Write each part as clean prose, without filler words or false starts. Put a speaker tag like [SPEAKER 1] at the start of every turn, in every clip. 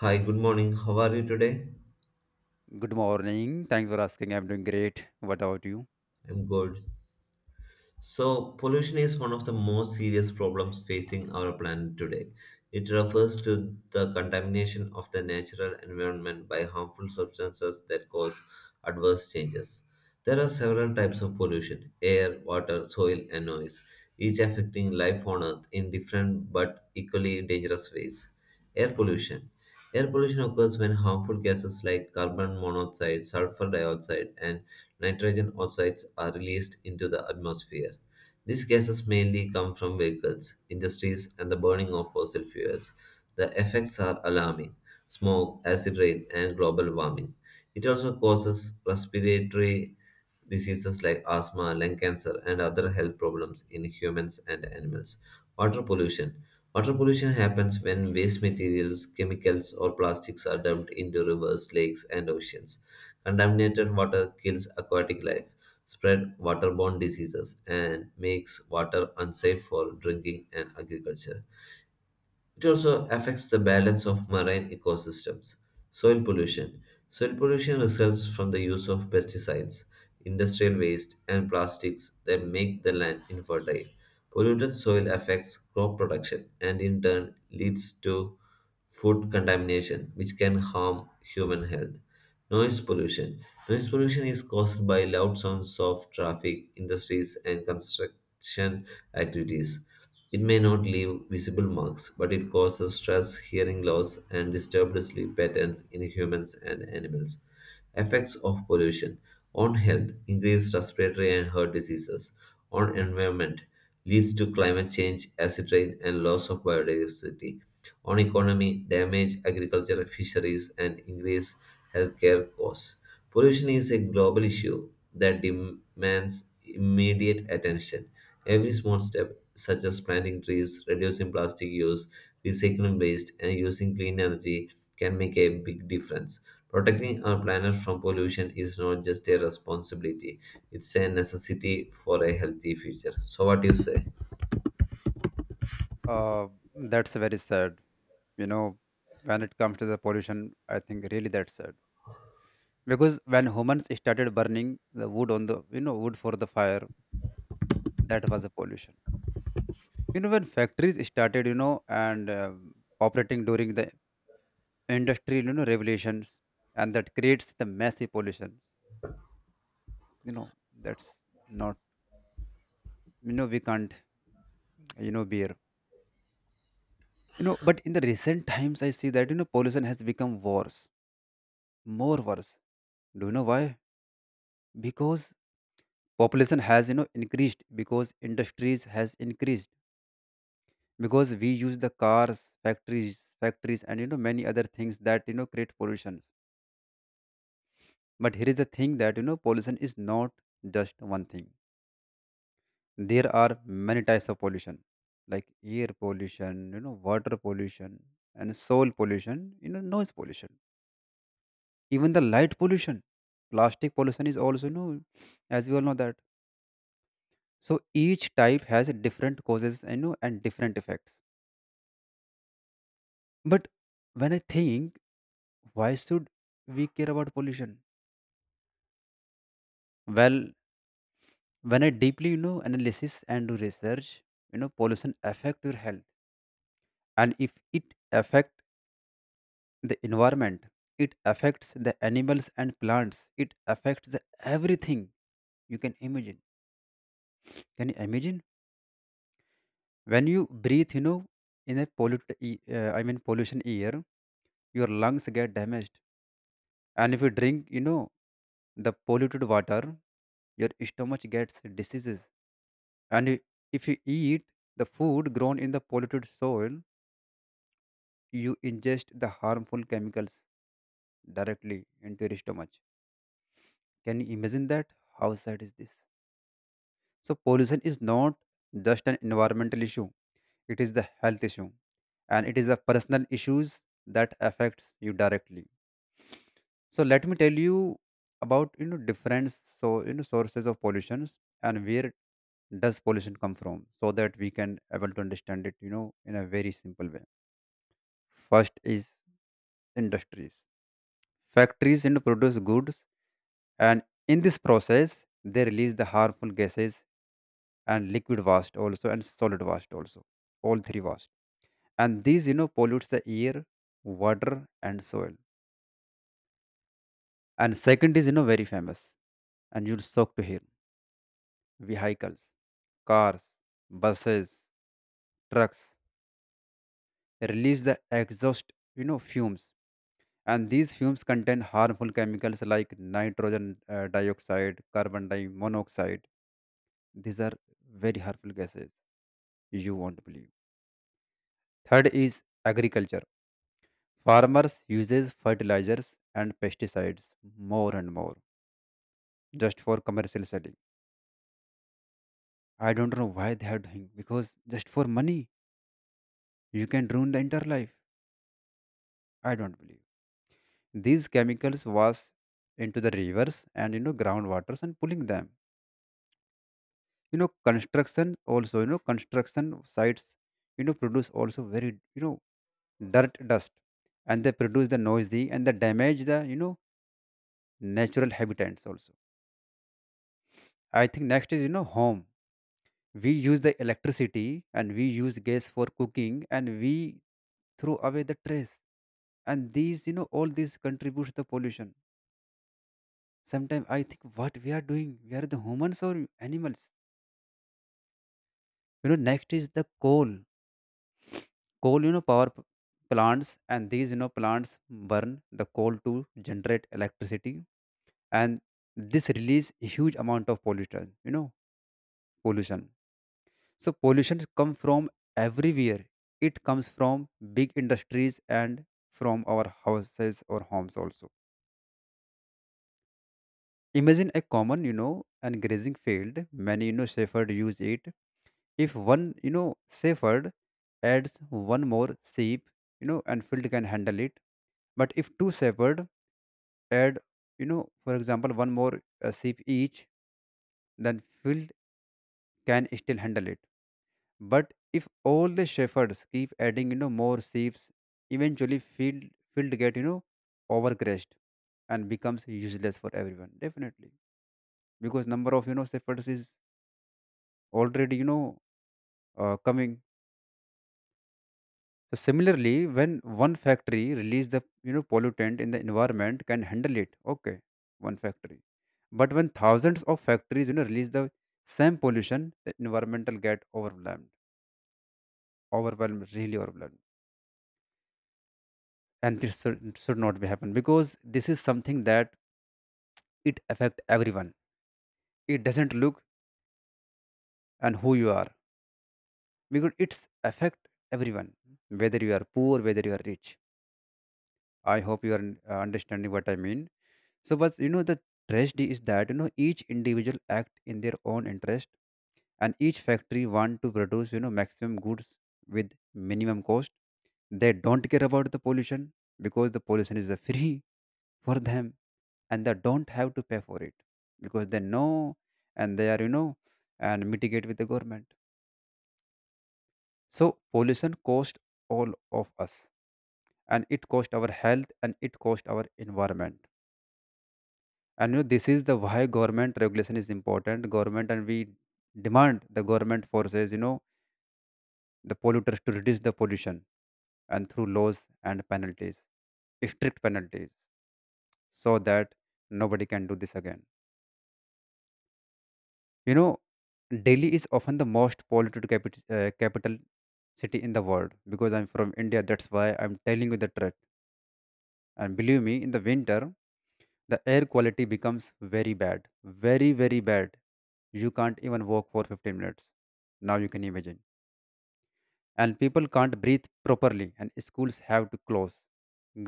[SPEAKER 1] Hi, good morning. How are you today?
[SPEAKER 2] Good morning. Thanks for asking. I'm doing great. What about you?
[SPEAKER 1] I'm good. So, pollution is one of the most serious problems facing our planet today. It refers to the contamination of the natural environment by harmful substances that cause adverse changes. There are several types of pollution: air, water, soil, and noise, each affecting life on Earth in different but equally dangerous ways. Air pollution. Air pollution occurs when harmful gases like carbon monoxide, sulfur dioxide, and nitrogen oxides are released into the atmosphere. These gases mainly come from vehicles, industries, and the burning of fossil fuels. The effects are alarming: smoke, acid rain, and global warming. It also causes respiratory diseases like asthma, lung cancer, and other health problems in humans and animals. Water pollution. Water pollution happens when waste materials, chemicals, or plastics are dumped into rivers, lakes, and oceans. Contaminated water kills aquatic life, spread waterborne diseases, and makes water unsafe for drinking and agriculture. It also affects the balance of marine ecosystems. Soil pollution. Soil pollution results from the use of pesticides, industrial waste, and plastics that make the land infertile. Polluted soil affects crop production and in turn leads to food contamination, which can harm human health. Noise pollution. Noise pollution is caused by loud sounds of traffic, industries, and construction activities. It may not leave visible marks, but it causes stress, hearing loss, and disturbed sleep patterns in humans and animals. Effects of pollution on health: increased respiratory and heart diseases. On environment: leads to climate change, acid rain, and loss of biodiversity. On economy, damage agriculture, fisheries, and increased healthcare costs. Pollution is a global issue that demands immediate attention. Every small step, such as planting trees, reducing plastic use, recycling waste, and using clean energy, can make a big difference. Protecting our planet from pollution is not just a responsibility, it's a necessity for a healthy future. So, what do you say?
[SPEAKER 2] Uh, that's very sad. You know, when it comes to the pollution, I think really that's sad. Because when humans started burning the wood on the wood for the fire, that was a pollution. You know, when factories started, you know, and operating during the industrial, you know, revolutions, and that creates the massive pollution. You know, that's not, you know, we can't, you know, bear. You know, but in the recent times, I see that you know pollution has become worse, more worse. Do you know why? Because population has you know increased, because industries has increased, because we use the cars, factories, and you know many other things that you know create pollution. But here is the thing that you know pollution is not just one thing. There are many types of pollution, like air pollution, you know, water pollution, and soil pollution. You know, noise pollution. Even the light pollution, plastic pollution is also you know, as we all know that. So each type has a different causes, you know, and different effects. But when I think, why should we care about pollution? Well, when I deeply, you know, analysis and do research, you know, pollution affect your health, and if it affect the environment, it affects the animals and plants. It affects the everything you can imagine. Can you imagine? When you breathe you know in a pollute e- I mean pollution air, your lungs get damaged, and if you drink you know the polluted water, your stomach gets diseases, and if you eat the food grown in the polluted soil, you ingest the harmful chemicals directly into your stomach. Can you imagine that? How sad is this? So pollution is not just an environmental issue, it is the health issue, and it is the personal issues that affects you directly. So let me tell you about you know different so you know sources of pollutions and where does pollution come from so that we can able to understand it you know in a very simple way. First is industries. Factories you know, produce goods and in this process they release the harmful gases and liquid waste also and solid waste also, all three waste, and these you know pollutes the air, water and soil. And second is you know very famous and you'll shock to hear, vehicles, cars, buses, trucks release the exhaust, you know, fumes. And these fumes contain harmful chemicals like nitrogen dioxide, carbon monoxide. These are very harmful gases. You won't believe. Third is agriculture. Farmers uses fertilizers and pesticides more and more, just for commercial selling. I don't know why they are doing, because just for money you can ruin the entire life. I don't believe. These chemicals wash into the rivers and you know groundwaters, and pulling them. You know construction also, you know, construction sites you know produce also very you know dirt, dust, and they produce the noisy and they damage the you know natural habitats also. I think next is you know home. We use the electricity and we use gas for cooking, and we throw away the trash, and these you know all these contributes to pollution. Sometimes I think what we are doing, we are the humans or animals. You know, next is the coal. Coal, you know, plants, and these, you know, plants burn the coal to generate electricity, and this release huge amount of pollution. You know, pollution. So pollution come from everywhere. It comes from big industries and from our houses or homes also. Imagine a common, you know, and grazing field. Many, you know, shepherd use it. If one, you know, shepherd adds one more sheep, you know, and field can handle it. But if two shepherd add, you know, for example, one more sheep each, then field can still handle it. But if all the shepherds keep adding, you know, more sheep, eventually field get, you know, overgrazed, and becomes useless for everyone. Definitely, because number of you know shepherds is already you know coming. So similarly, when one factory release the you know pollutant in the environment can handle it, okay, one factory. But when thousands of factories you know release the same pollution, the environmental get overwhelmed, overwhelmed, really overwhelmed. And this should not be happen, because this is something that it affect everyone. It doesn't look and who you are, because it's affect everyone, whether you are poor, whether you are rich. I hope you are understanding what I mean. So, but you know, the tragedy is that you know each individual act in their own interest, and each factory want to produce you know maximum goods with minimum cost. They don't care about the pollution, because the pollution is free for them, and they don't have to pay for it, because they know, and they are you know and mitigate with the government. So pollution cost all of us, and it cost our health, and it cost our environment, and you know this is the why government regulation is important. Government and we demand the government forces you know the polluters to reduce the pollution, and through laws and penalties, strict penalties, so that nobody can do this again, you know. Delhi is often the most polluted capital city in the world, because I'm from India, that's why I'm telling you the truth. And believe me, in the winter the air quality becomes very bad, very very bad. You can't even walk for 15 minutes, now you can imagine. And people can't breathe properly, and schools have to close.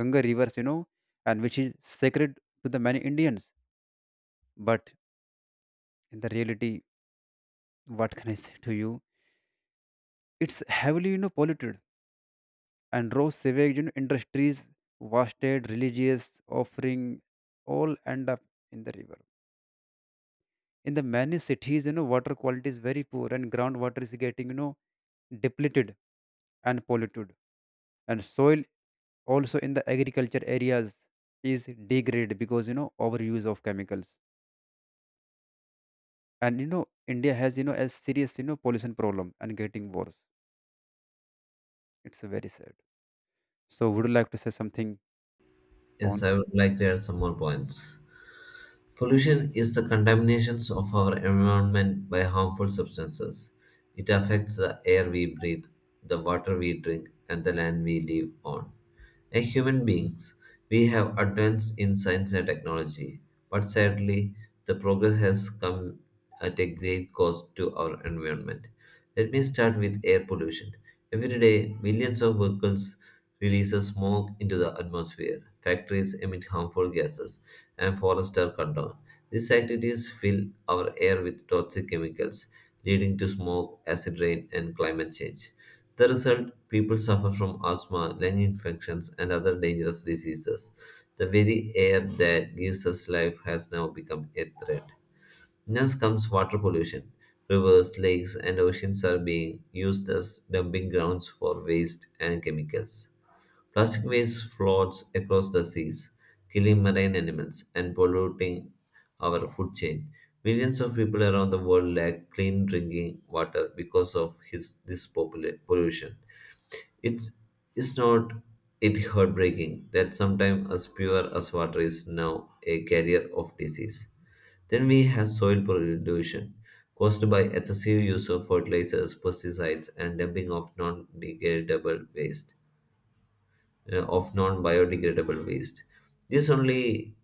[SPEAKER 2] Ganga rivers you know, and which is sacred to the many Indians, but in the reality, what can I say to you? It's heavily you know polluted, and raw sewage you know, industries wasted, religious offering, all end up in the river. In the many cities you know water quality is very poor, and groundwater is getting you know depleted and polluted, and soil also in the agriculture areas is degraded because you know overuse of chemicals. And you know India has you know a serious you know pollution problem and getting worse. It's very sad. So would you like to say something
[SPEAKER 1] Yes,
[SPEAKER 2] on?
[SPEAKER 1] I would like to add some more points. Pollution is the contamination of our environment by harmful substances. It affects the air we breathe, the water we drink, and the land we live on. As human beings, we have advanced in science and technology, but sadly, the progress has come at a great cost to our environment. Let me start with air pollution. Every day, millions of vehicles release smoke into the atmosphere. Factories emit harmful gases and forester cut down. These activities fill our air with toxic chemicals, leading to smoke, acid rain, and climate change. The result: people suffer from asthma, lung infections, and other dangerous diseases. The very air that gives us life has now become a threat. Next comes water pollution. Rivers, lakes, and oceans are being used as dumping grounds for waste and chemicals. Plastic waste floats across the seas, killing marine animals and polluting our food chain. Millions of people around the world lack clean drinking water because of this pollution. It's, it's not it heartbreaking that sometimes as pure as water is now a carrier of disease. Then we have soil pollution caused by excessive use of fertilizers, pesticides, and dumping of non-degradable waste of non-biodegradable waste. This only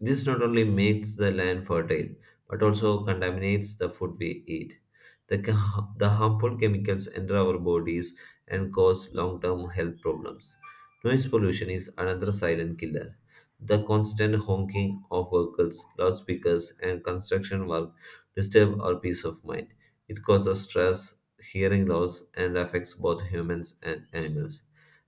[SPEAKER 1] this not only makes the land fertile but also contaminates the food we eat. The harmful chemicals enter our bodies and cause long-term health problems. Noise pollution is another silent killer. The constant honking of vehicles, loudspeakers, and construction work disturb our peace of mind. It causes stress, hearing loss, and affects both humans and animals.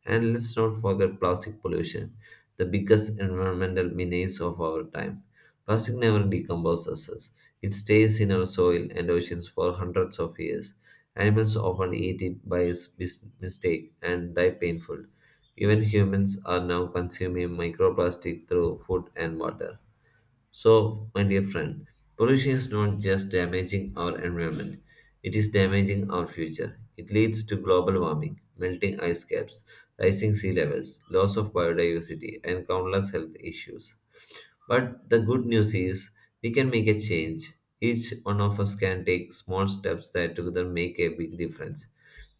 [SPEAKER 1] And let's not forget plastic pollution, the biggest environmental menace of our time. Plastic never decomposes, it stays in our soil and oceans for hundreds of years. Animals often eat it by mistake and die painful. Even humans are now consuming microplastic through food and water. So, my dear friend, pollution is not just damaging our environment, it is damaging our future. It leads to global warming, melting ice caps, rising sea levels, loss of biodiversity, and countless health issues. But the good news is we can make a change. Each one of us can take small steps that together make a big difference.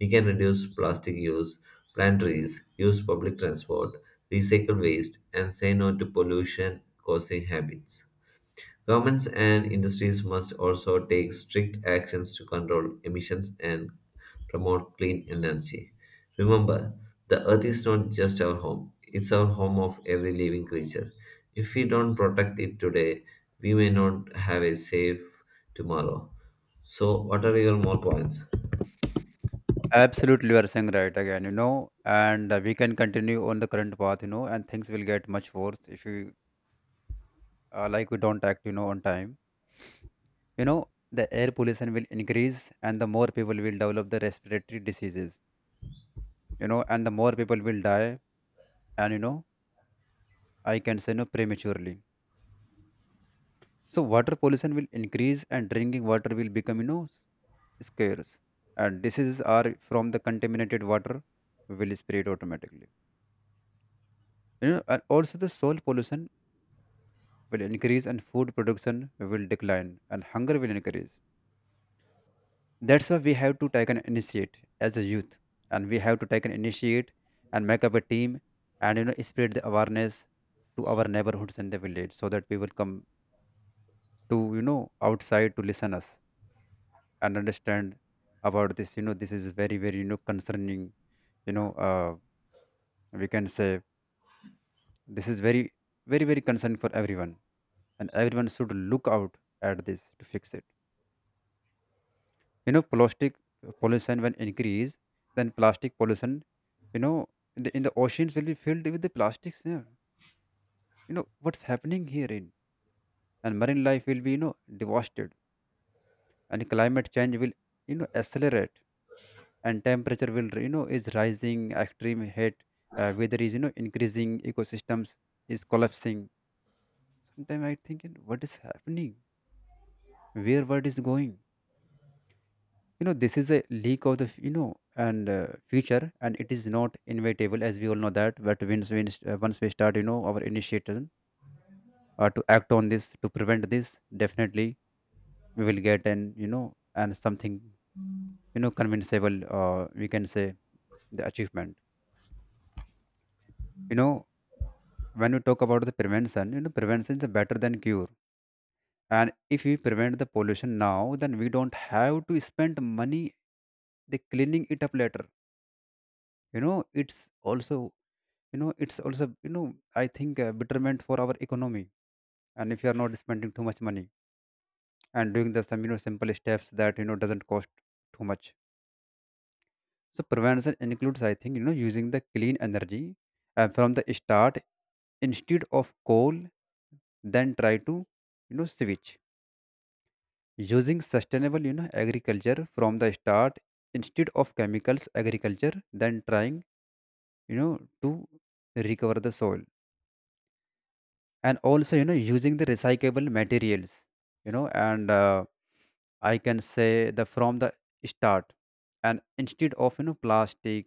[SPEAKER 1] We can reduce plastic use, plant trees, use public transport, recycle waste, and say no to pollution causing habits. Governments and industries must also take strict actions to control emissions and promote clean energy. Remember, the earth is not just our home, it's our home of every living creature. If we don't protect it today, we may not have a safe tomorrow. So, what are your more points?
[SPEAKER 2] Absolutely, you are saying right again, you know, and we can continue on the current path, you know, and things will get much worse if you like we don't act you know on time. You know, the air pollution will increase, and the more people will develop the respiratory diseases, you know, and the more people will die, and you know I can say no prematurely. So water pollution will increase, and drinking water will become you know scarce, and diseases are from the contaminated water will spread automatically, you know. And also the soil pollution will increase, and food production will decline, and hunger will increase. That's why we have to take an initiate as a youth, and we have to take an initiate, and make up a team, and you know spread the awareness to our neighborhoods and the village, so that people come to you know outside to listen us and understand about this, you know this is very very you know concerning. You know, we can say this is very very very concern for everyone, and everyone should look out at this to fix it, you know. Plastic pollution when increase, then plastic pollution, you know, in the oceans will be filled with the plastics, yeah. What's happening herein? And marine life will be, devastated, and climate change will, accelerate, and temperature will, is rising. Extreme heat, weather is, increasing. Ecosystems is collapsing. Sometimes I think, what is happening, where world is going? This is a leak of the, and future, and it is not inevitable, as we all know that, but once we start, our initiative, to act on this, to prevent this, definitely we will get an, and something, convincible, we can say, the achievement. you know when we talk about the prevention, prevention is better than cure. And if we prevent the pollution now, then we don't have to spend money the cleaning it up later. It's also, it's also, I think, betterment for our economy. And if you are not spending too much money and doing the some, simple steps that, doesn't cost too much. So prevention includes, I think, using the clean energy, from the start, instead of coal. Then try to, switch, using sustainable, agriculture from the start, instead of chemicals agriculture. Then trying, you know to recover the soil. And also, using the recyclable materials, and I can say the from the start, and instead of, plastic.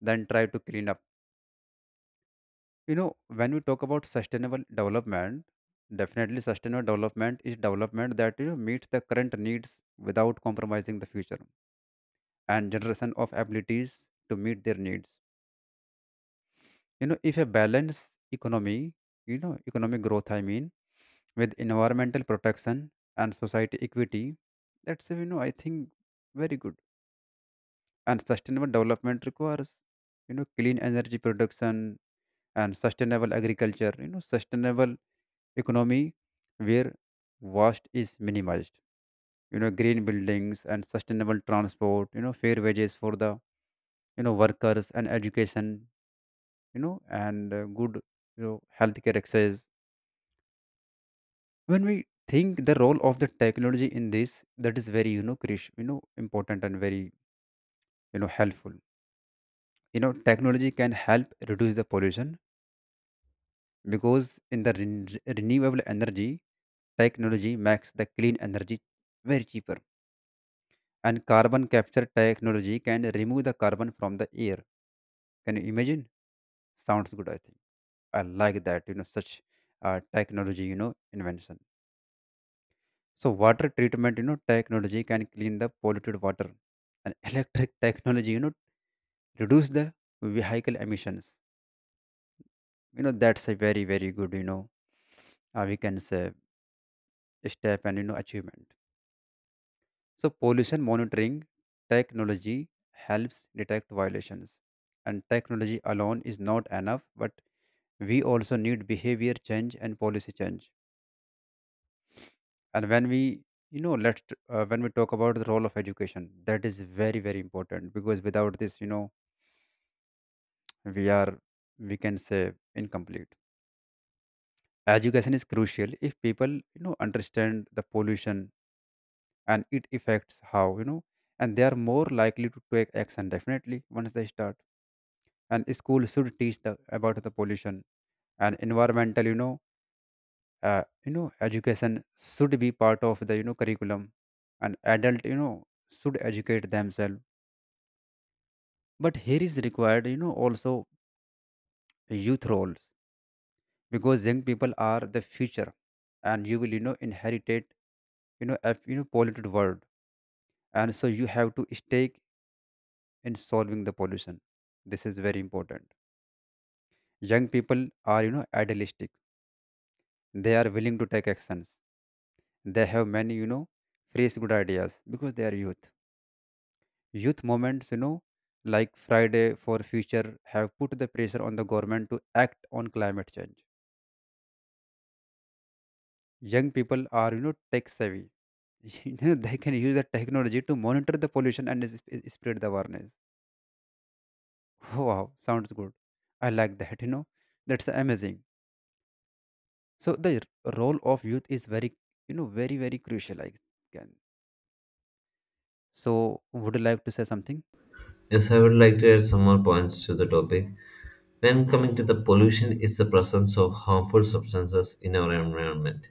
[SPEAKER 2] Then try to clean up. you know when we talk about sustainable development, definitely sustainable development is development that, meets the current needs without compromising the future and generation of abilities to meet their needs. You know, if a balanced economy, you know, economic growth, I mean, with environmental protection and society equity, I think very good. And sustainable development requires, you know, clean energy production and sustainable agriculture, you know, sustainable economy where waste is minimized. You know, green buildings and sustainable transport, you know, fair wages for the, you know, workers, and education, you know, and good, healthcare access. When we think the role of the technology in this, that is very, Krish, important and very, helpful. Technology can help reduce the pollution, because in the renewable energy, technology makes the clean energy very cheaper. And carbon capture technology can remove the carbon from the air. Can you imagine? Sounds good, I think. I like that, such, technology, invention. So water treatment, you know, technology can clean the polluted water, and electric technology, you know, reduce the vehicle emissions. You know, that's a very very good, we can say, step and, achievement. So pollution monitoring technology helps detect violations, and technology alone is not enough, but we also need behavior change and policy change. And when we, when we talk about the role of education, that is very very important, because without this, we are, we can say, incomplete. Education is crucial. If people, understand the pollution and it affects how, and they are more likely to take action, definitely once they start. And school should teach the about the pollution, and environmental, education should be part of the, curriculum. And adult, should educate themselves. But here is required, you know, also youth roles, because young people are the future, and you will, you know, inherit, a, polluted world, and so you have to stake in solving the pollution. This is very important. Young people are, you know, idealistic. They are willing to take actions. They have many, fresh good ideas because they are youth. Youth movements, like Friday for Future, have put the pressure on the government to act on climate change. Young people are, tech savvy. They can use the technology to monitor the pollution and spread the awareness. Wow, sounds good. I like that, that's amazing. So the role of youth is very, very very crucial, I can. So would you like to say something?
[SPEAKER 1] Yes, I would like to add some more points to the topic. Then coming to the pollution is the presence of harmful substances in our environment.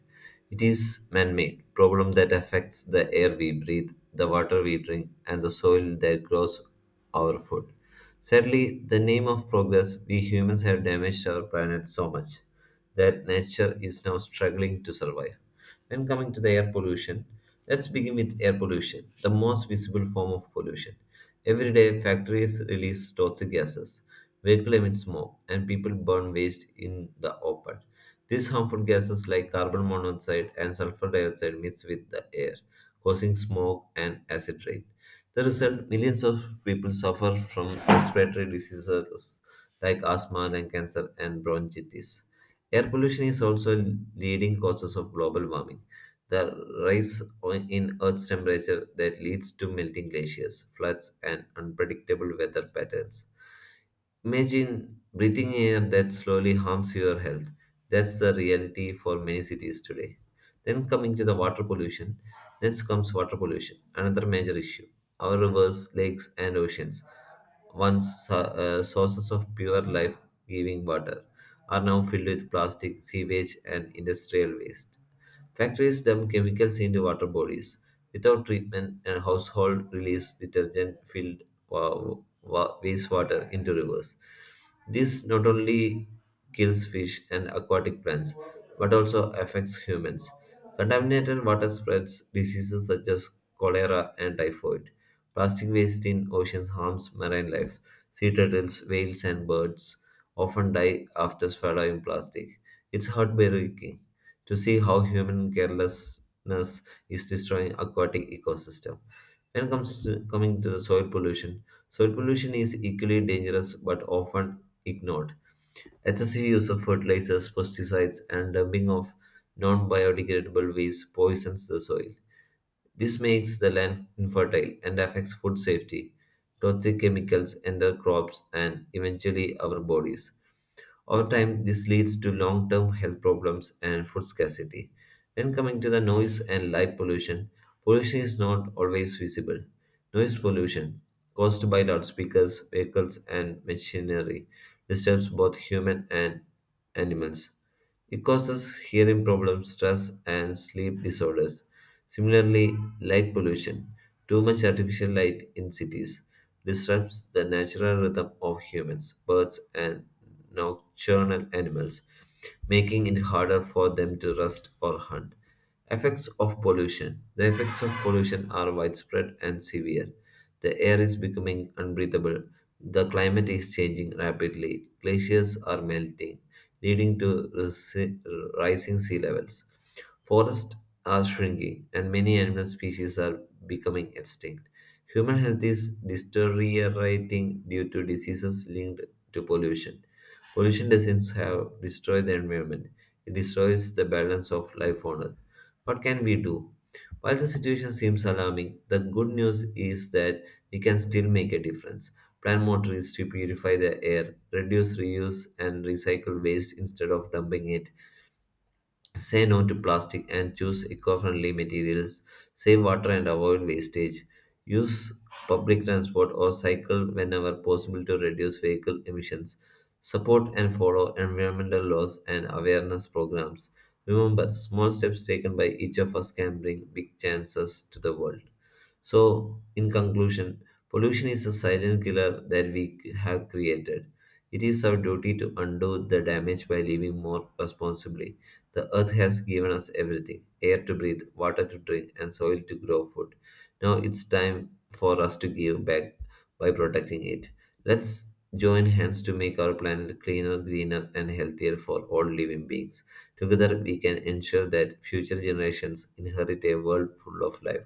[SPEAKER 1] It is man-made problem that affects the air we breathe, the water we drink, and the soil that grows our food. Sadly, the name of progress, we humans have damaged our planet so much that nature is now struggling to survive. When coming to the air pollution, let's begin with air pollution, the most visible form of pollution. Every day, factories release toxic gases. Vehicle emit smoke, and people burn waste in the open. These harmful gases like carbon monoxide and sulfur dioxide mix with the air, causing smoke and acid rain. The result, millions of people suffer from respiratory diseases like asthma, lung cancer, and bronchitis. Air pollution is also leading causes of global warming. The in Earth's temperature that leads to melting glaciers, floods, and unpredictable weather patterns. Imagine breathing air that slowly harms your health. That's the reality for many cities today. Then coming to the water pollution, next comes water pollution, another major issue. Our rivers, lakes, and oceans, once sources of pure life-giving water, are now filled with plastic, sewage, and industrial waste. Factories dump chemicals into water bodies. Without treatment, and household release detergent filled wa- wastewater into rivers. This not only kills fish and aquatic plants, but also affects humans. Contaminated water spreads diseases such as cholera and typhoid. Plastic waste in oceans harms marine life. Sea turtles, whales, and birds often die after swallowing plastic. It's heartbreaking to see how human carelessness is destroying aquatic ecosystem. When it comes to Coming to the soil pollution is equally dangerous but often ignored. Excessive use of fertilizers, pesticides, and dumping of non-biodegradable waste poisons the soil. This makes the land infertile and affects food safety. Toxic chemicals enter crops and eventually our bodies. Over time, this leads to long term health problems and food scarcity. Then, coming to the noise and light pollution, pollution is not always visible. Noise pollution, caused by loudspeakers, vehicles, and machinery, disturbs both human and animals. It causes hearing problems, stress, and sleep disorders. Similarly, light pollution, too much artificial light in cities, disrupts the natural rhythm of humans, birds, and nocturnal animals, making it harder for them to rust or hunt. Effects of pollution: the effects of pollution are widespread and severe. The air is becoming unbreathable. The climate is changing rapidly. Glaciers are melting, leading to rising sea levels. Forests are shrinking, and many animal species are becoming extinct. Human health is deteriorating due to diseases linked to pollution. Pollution doesn't have destroy the environment; it destroys the balance of life on Earth. What can we do? While the situation seems alarming, the good news is that we can still make a difference. Plant more trees to purify the air, reduce, reuse, and recycle waste instead of dumping it. Say no to plastic and choose eco friendly materials. Save water and avoid wastage. Use public transport or cycle whenever possible to reduce vehicle emissions. Support and follow environmental laws and awareness programs. Remember, small steps taken by each of us can bring big chances to the world. So, in conclusion, pollution is a silent killer that have created. It is our duty to undo the damage by living more responsibly. The earth has given us everything: air to breathe, water to drink, and soil to grow food. Now it's time for us to give back by protecting it. Let's join hands to make our planet cleaner, greener, and healthier for all living beings. Together, we can ensure that future generations inherit a world full of life,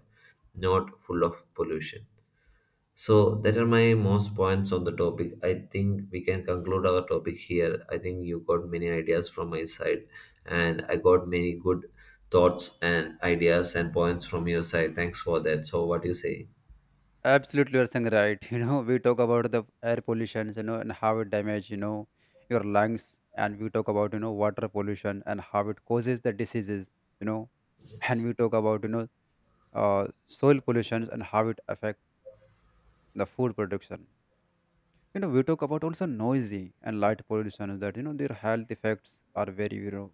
[SPEAKER 1] not full of pollution. So that are my most points on the topic. I think we can conclude our topic here. I think you got many ideas from my side, and I got many good thoughts and ideas and points from your side. Thanks for that. So what do you say?
[SPEAKER 2] Absolutely, you're saying right. We talk about the air pollution, and how it damages, your lungs. And we talk about, water pollution and how it causes the diseases, you know and we talk about, soil pollution and how it affect the food production. You know, we talk about also noisy and light pollution, that, their health effects are very,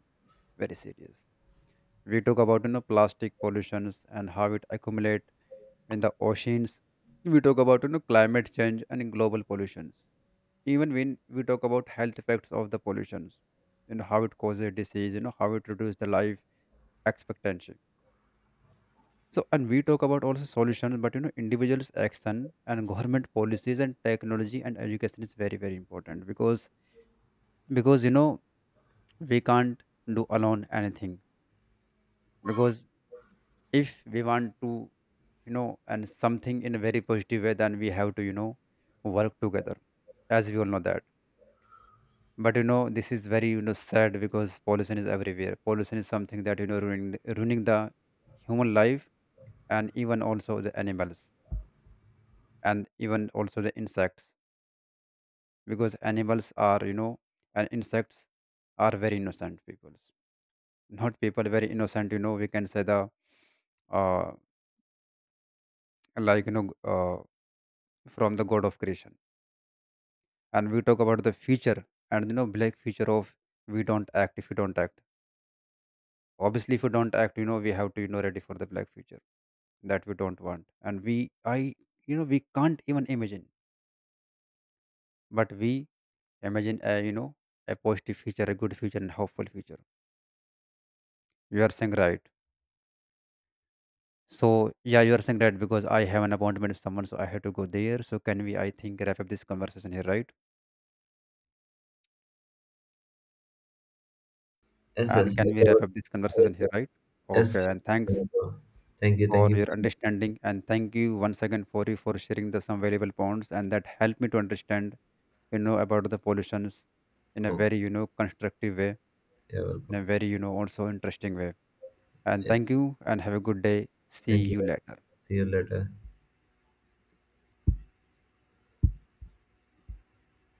[SPEAKER 2] very serious. We talk about, plastic pollutions and how it accumulate in the oceans. We talk about, climate change and global pollutions. Even when we talk about health effects of the pollutions, you know how it causes disease, you know how it reduces the life expectancy. So, and we talk about also solutions, but, individuals' action and government policies and technology and education is very very important, because, we can't do alone anything, because if we want to, and something in a very positive way, then we have to, work together, as we all know that. But, this is very, sad, because pollution is everywhere. Pollution is something that, ruining the human life, and even also the animals, and even also the insects, because animals are, and insects, are very innocent peoples. Not people, very innocent, we can say the, uh, like, from the god of creation. And we talk about the future, and, black future of, we don't act if we don't act, obviously, if we don't act, we have to, ready for the black future, that we don't want. And we I we can't even imagine, but we imagine a, a positive future, a good future and hopeful future. You are saying right. So yeah, you are saying right, because I have an appointment with someone, so I have to go there. So can we, I think, wrap up this conversation here, right?
[SPEAKER 1] Yes,
[SPEAKER 2] And
[SPEAKER 1] yes,
[SPEAKER 2] can we wrap up this conversation
[SPEAKER 1] yes,
[SPEAKER 2] here, right? Okay,
[SPEAKER 1] yes.
[SPEAKER 2] and thanks
[SPEAKER 1] Thank you, thank
[SPEAKER 2] for
[SPEAKER 1] you.
[SPEAKER 2] your understanding, and thank you once again for you for sharing the some valuable points, and that helped me to understand, you know, about the pollutions in a
[SPEAKER 1] Oh,
[SPEAKER 2] very, you know, constructive way,
[SPEAKER 1] you're
[SPEAKER 2] in
[SPEAKER 1] welcome.
[SPEAKER 2] a very, you know, also interesting way. And
[SPEAKER 1] Yeah,
[SPEAKER 2] thank you, and have a good day. See
[SPEAKER 1] thank you.
[SPEAKER 2] you later.
[SPEAKER 1] See you later.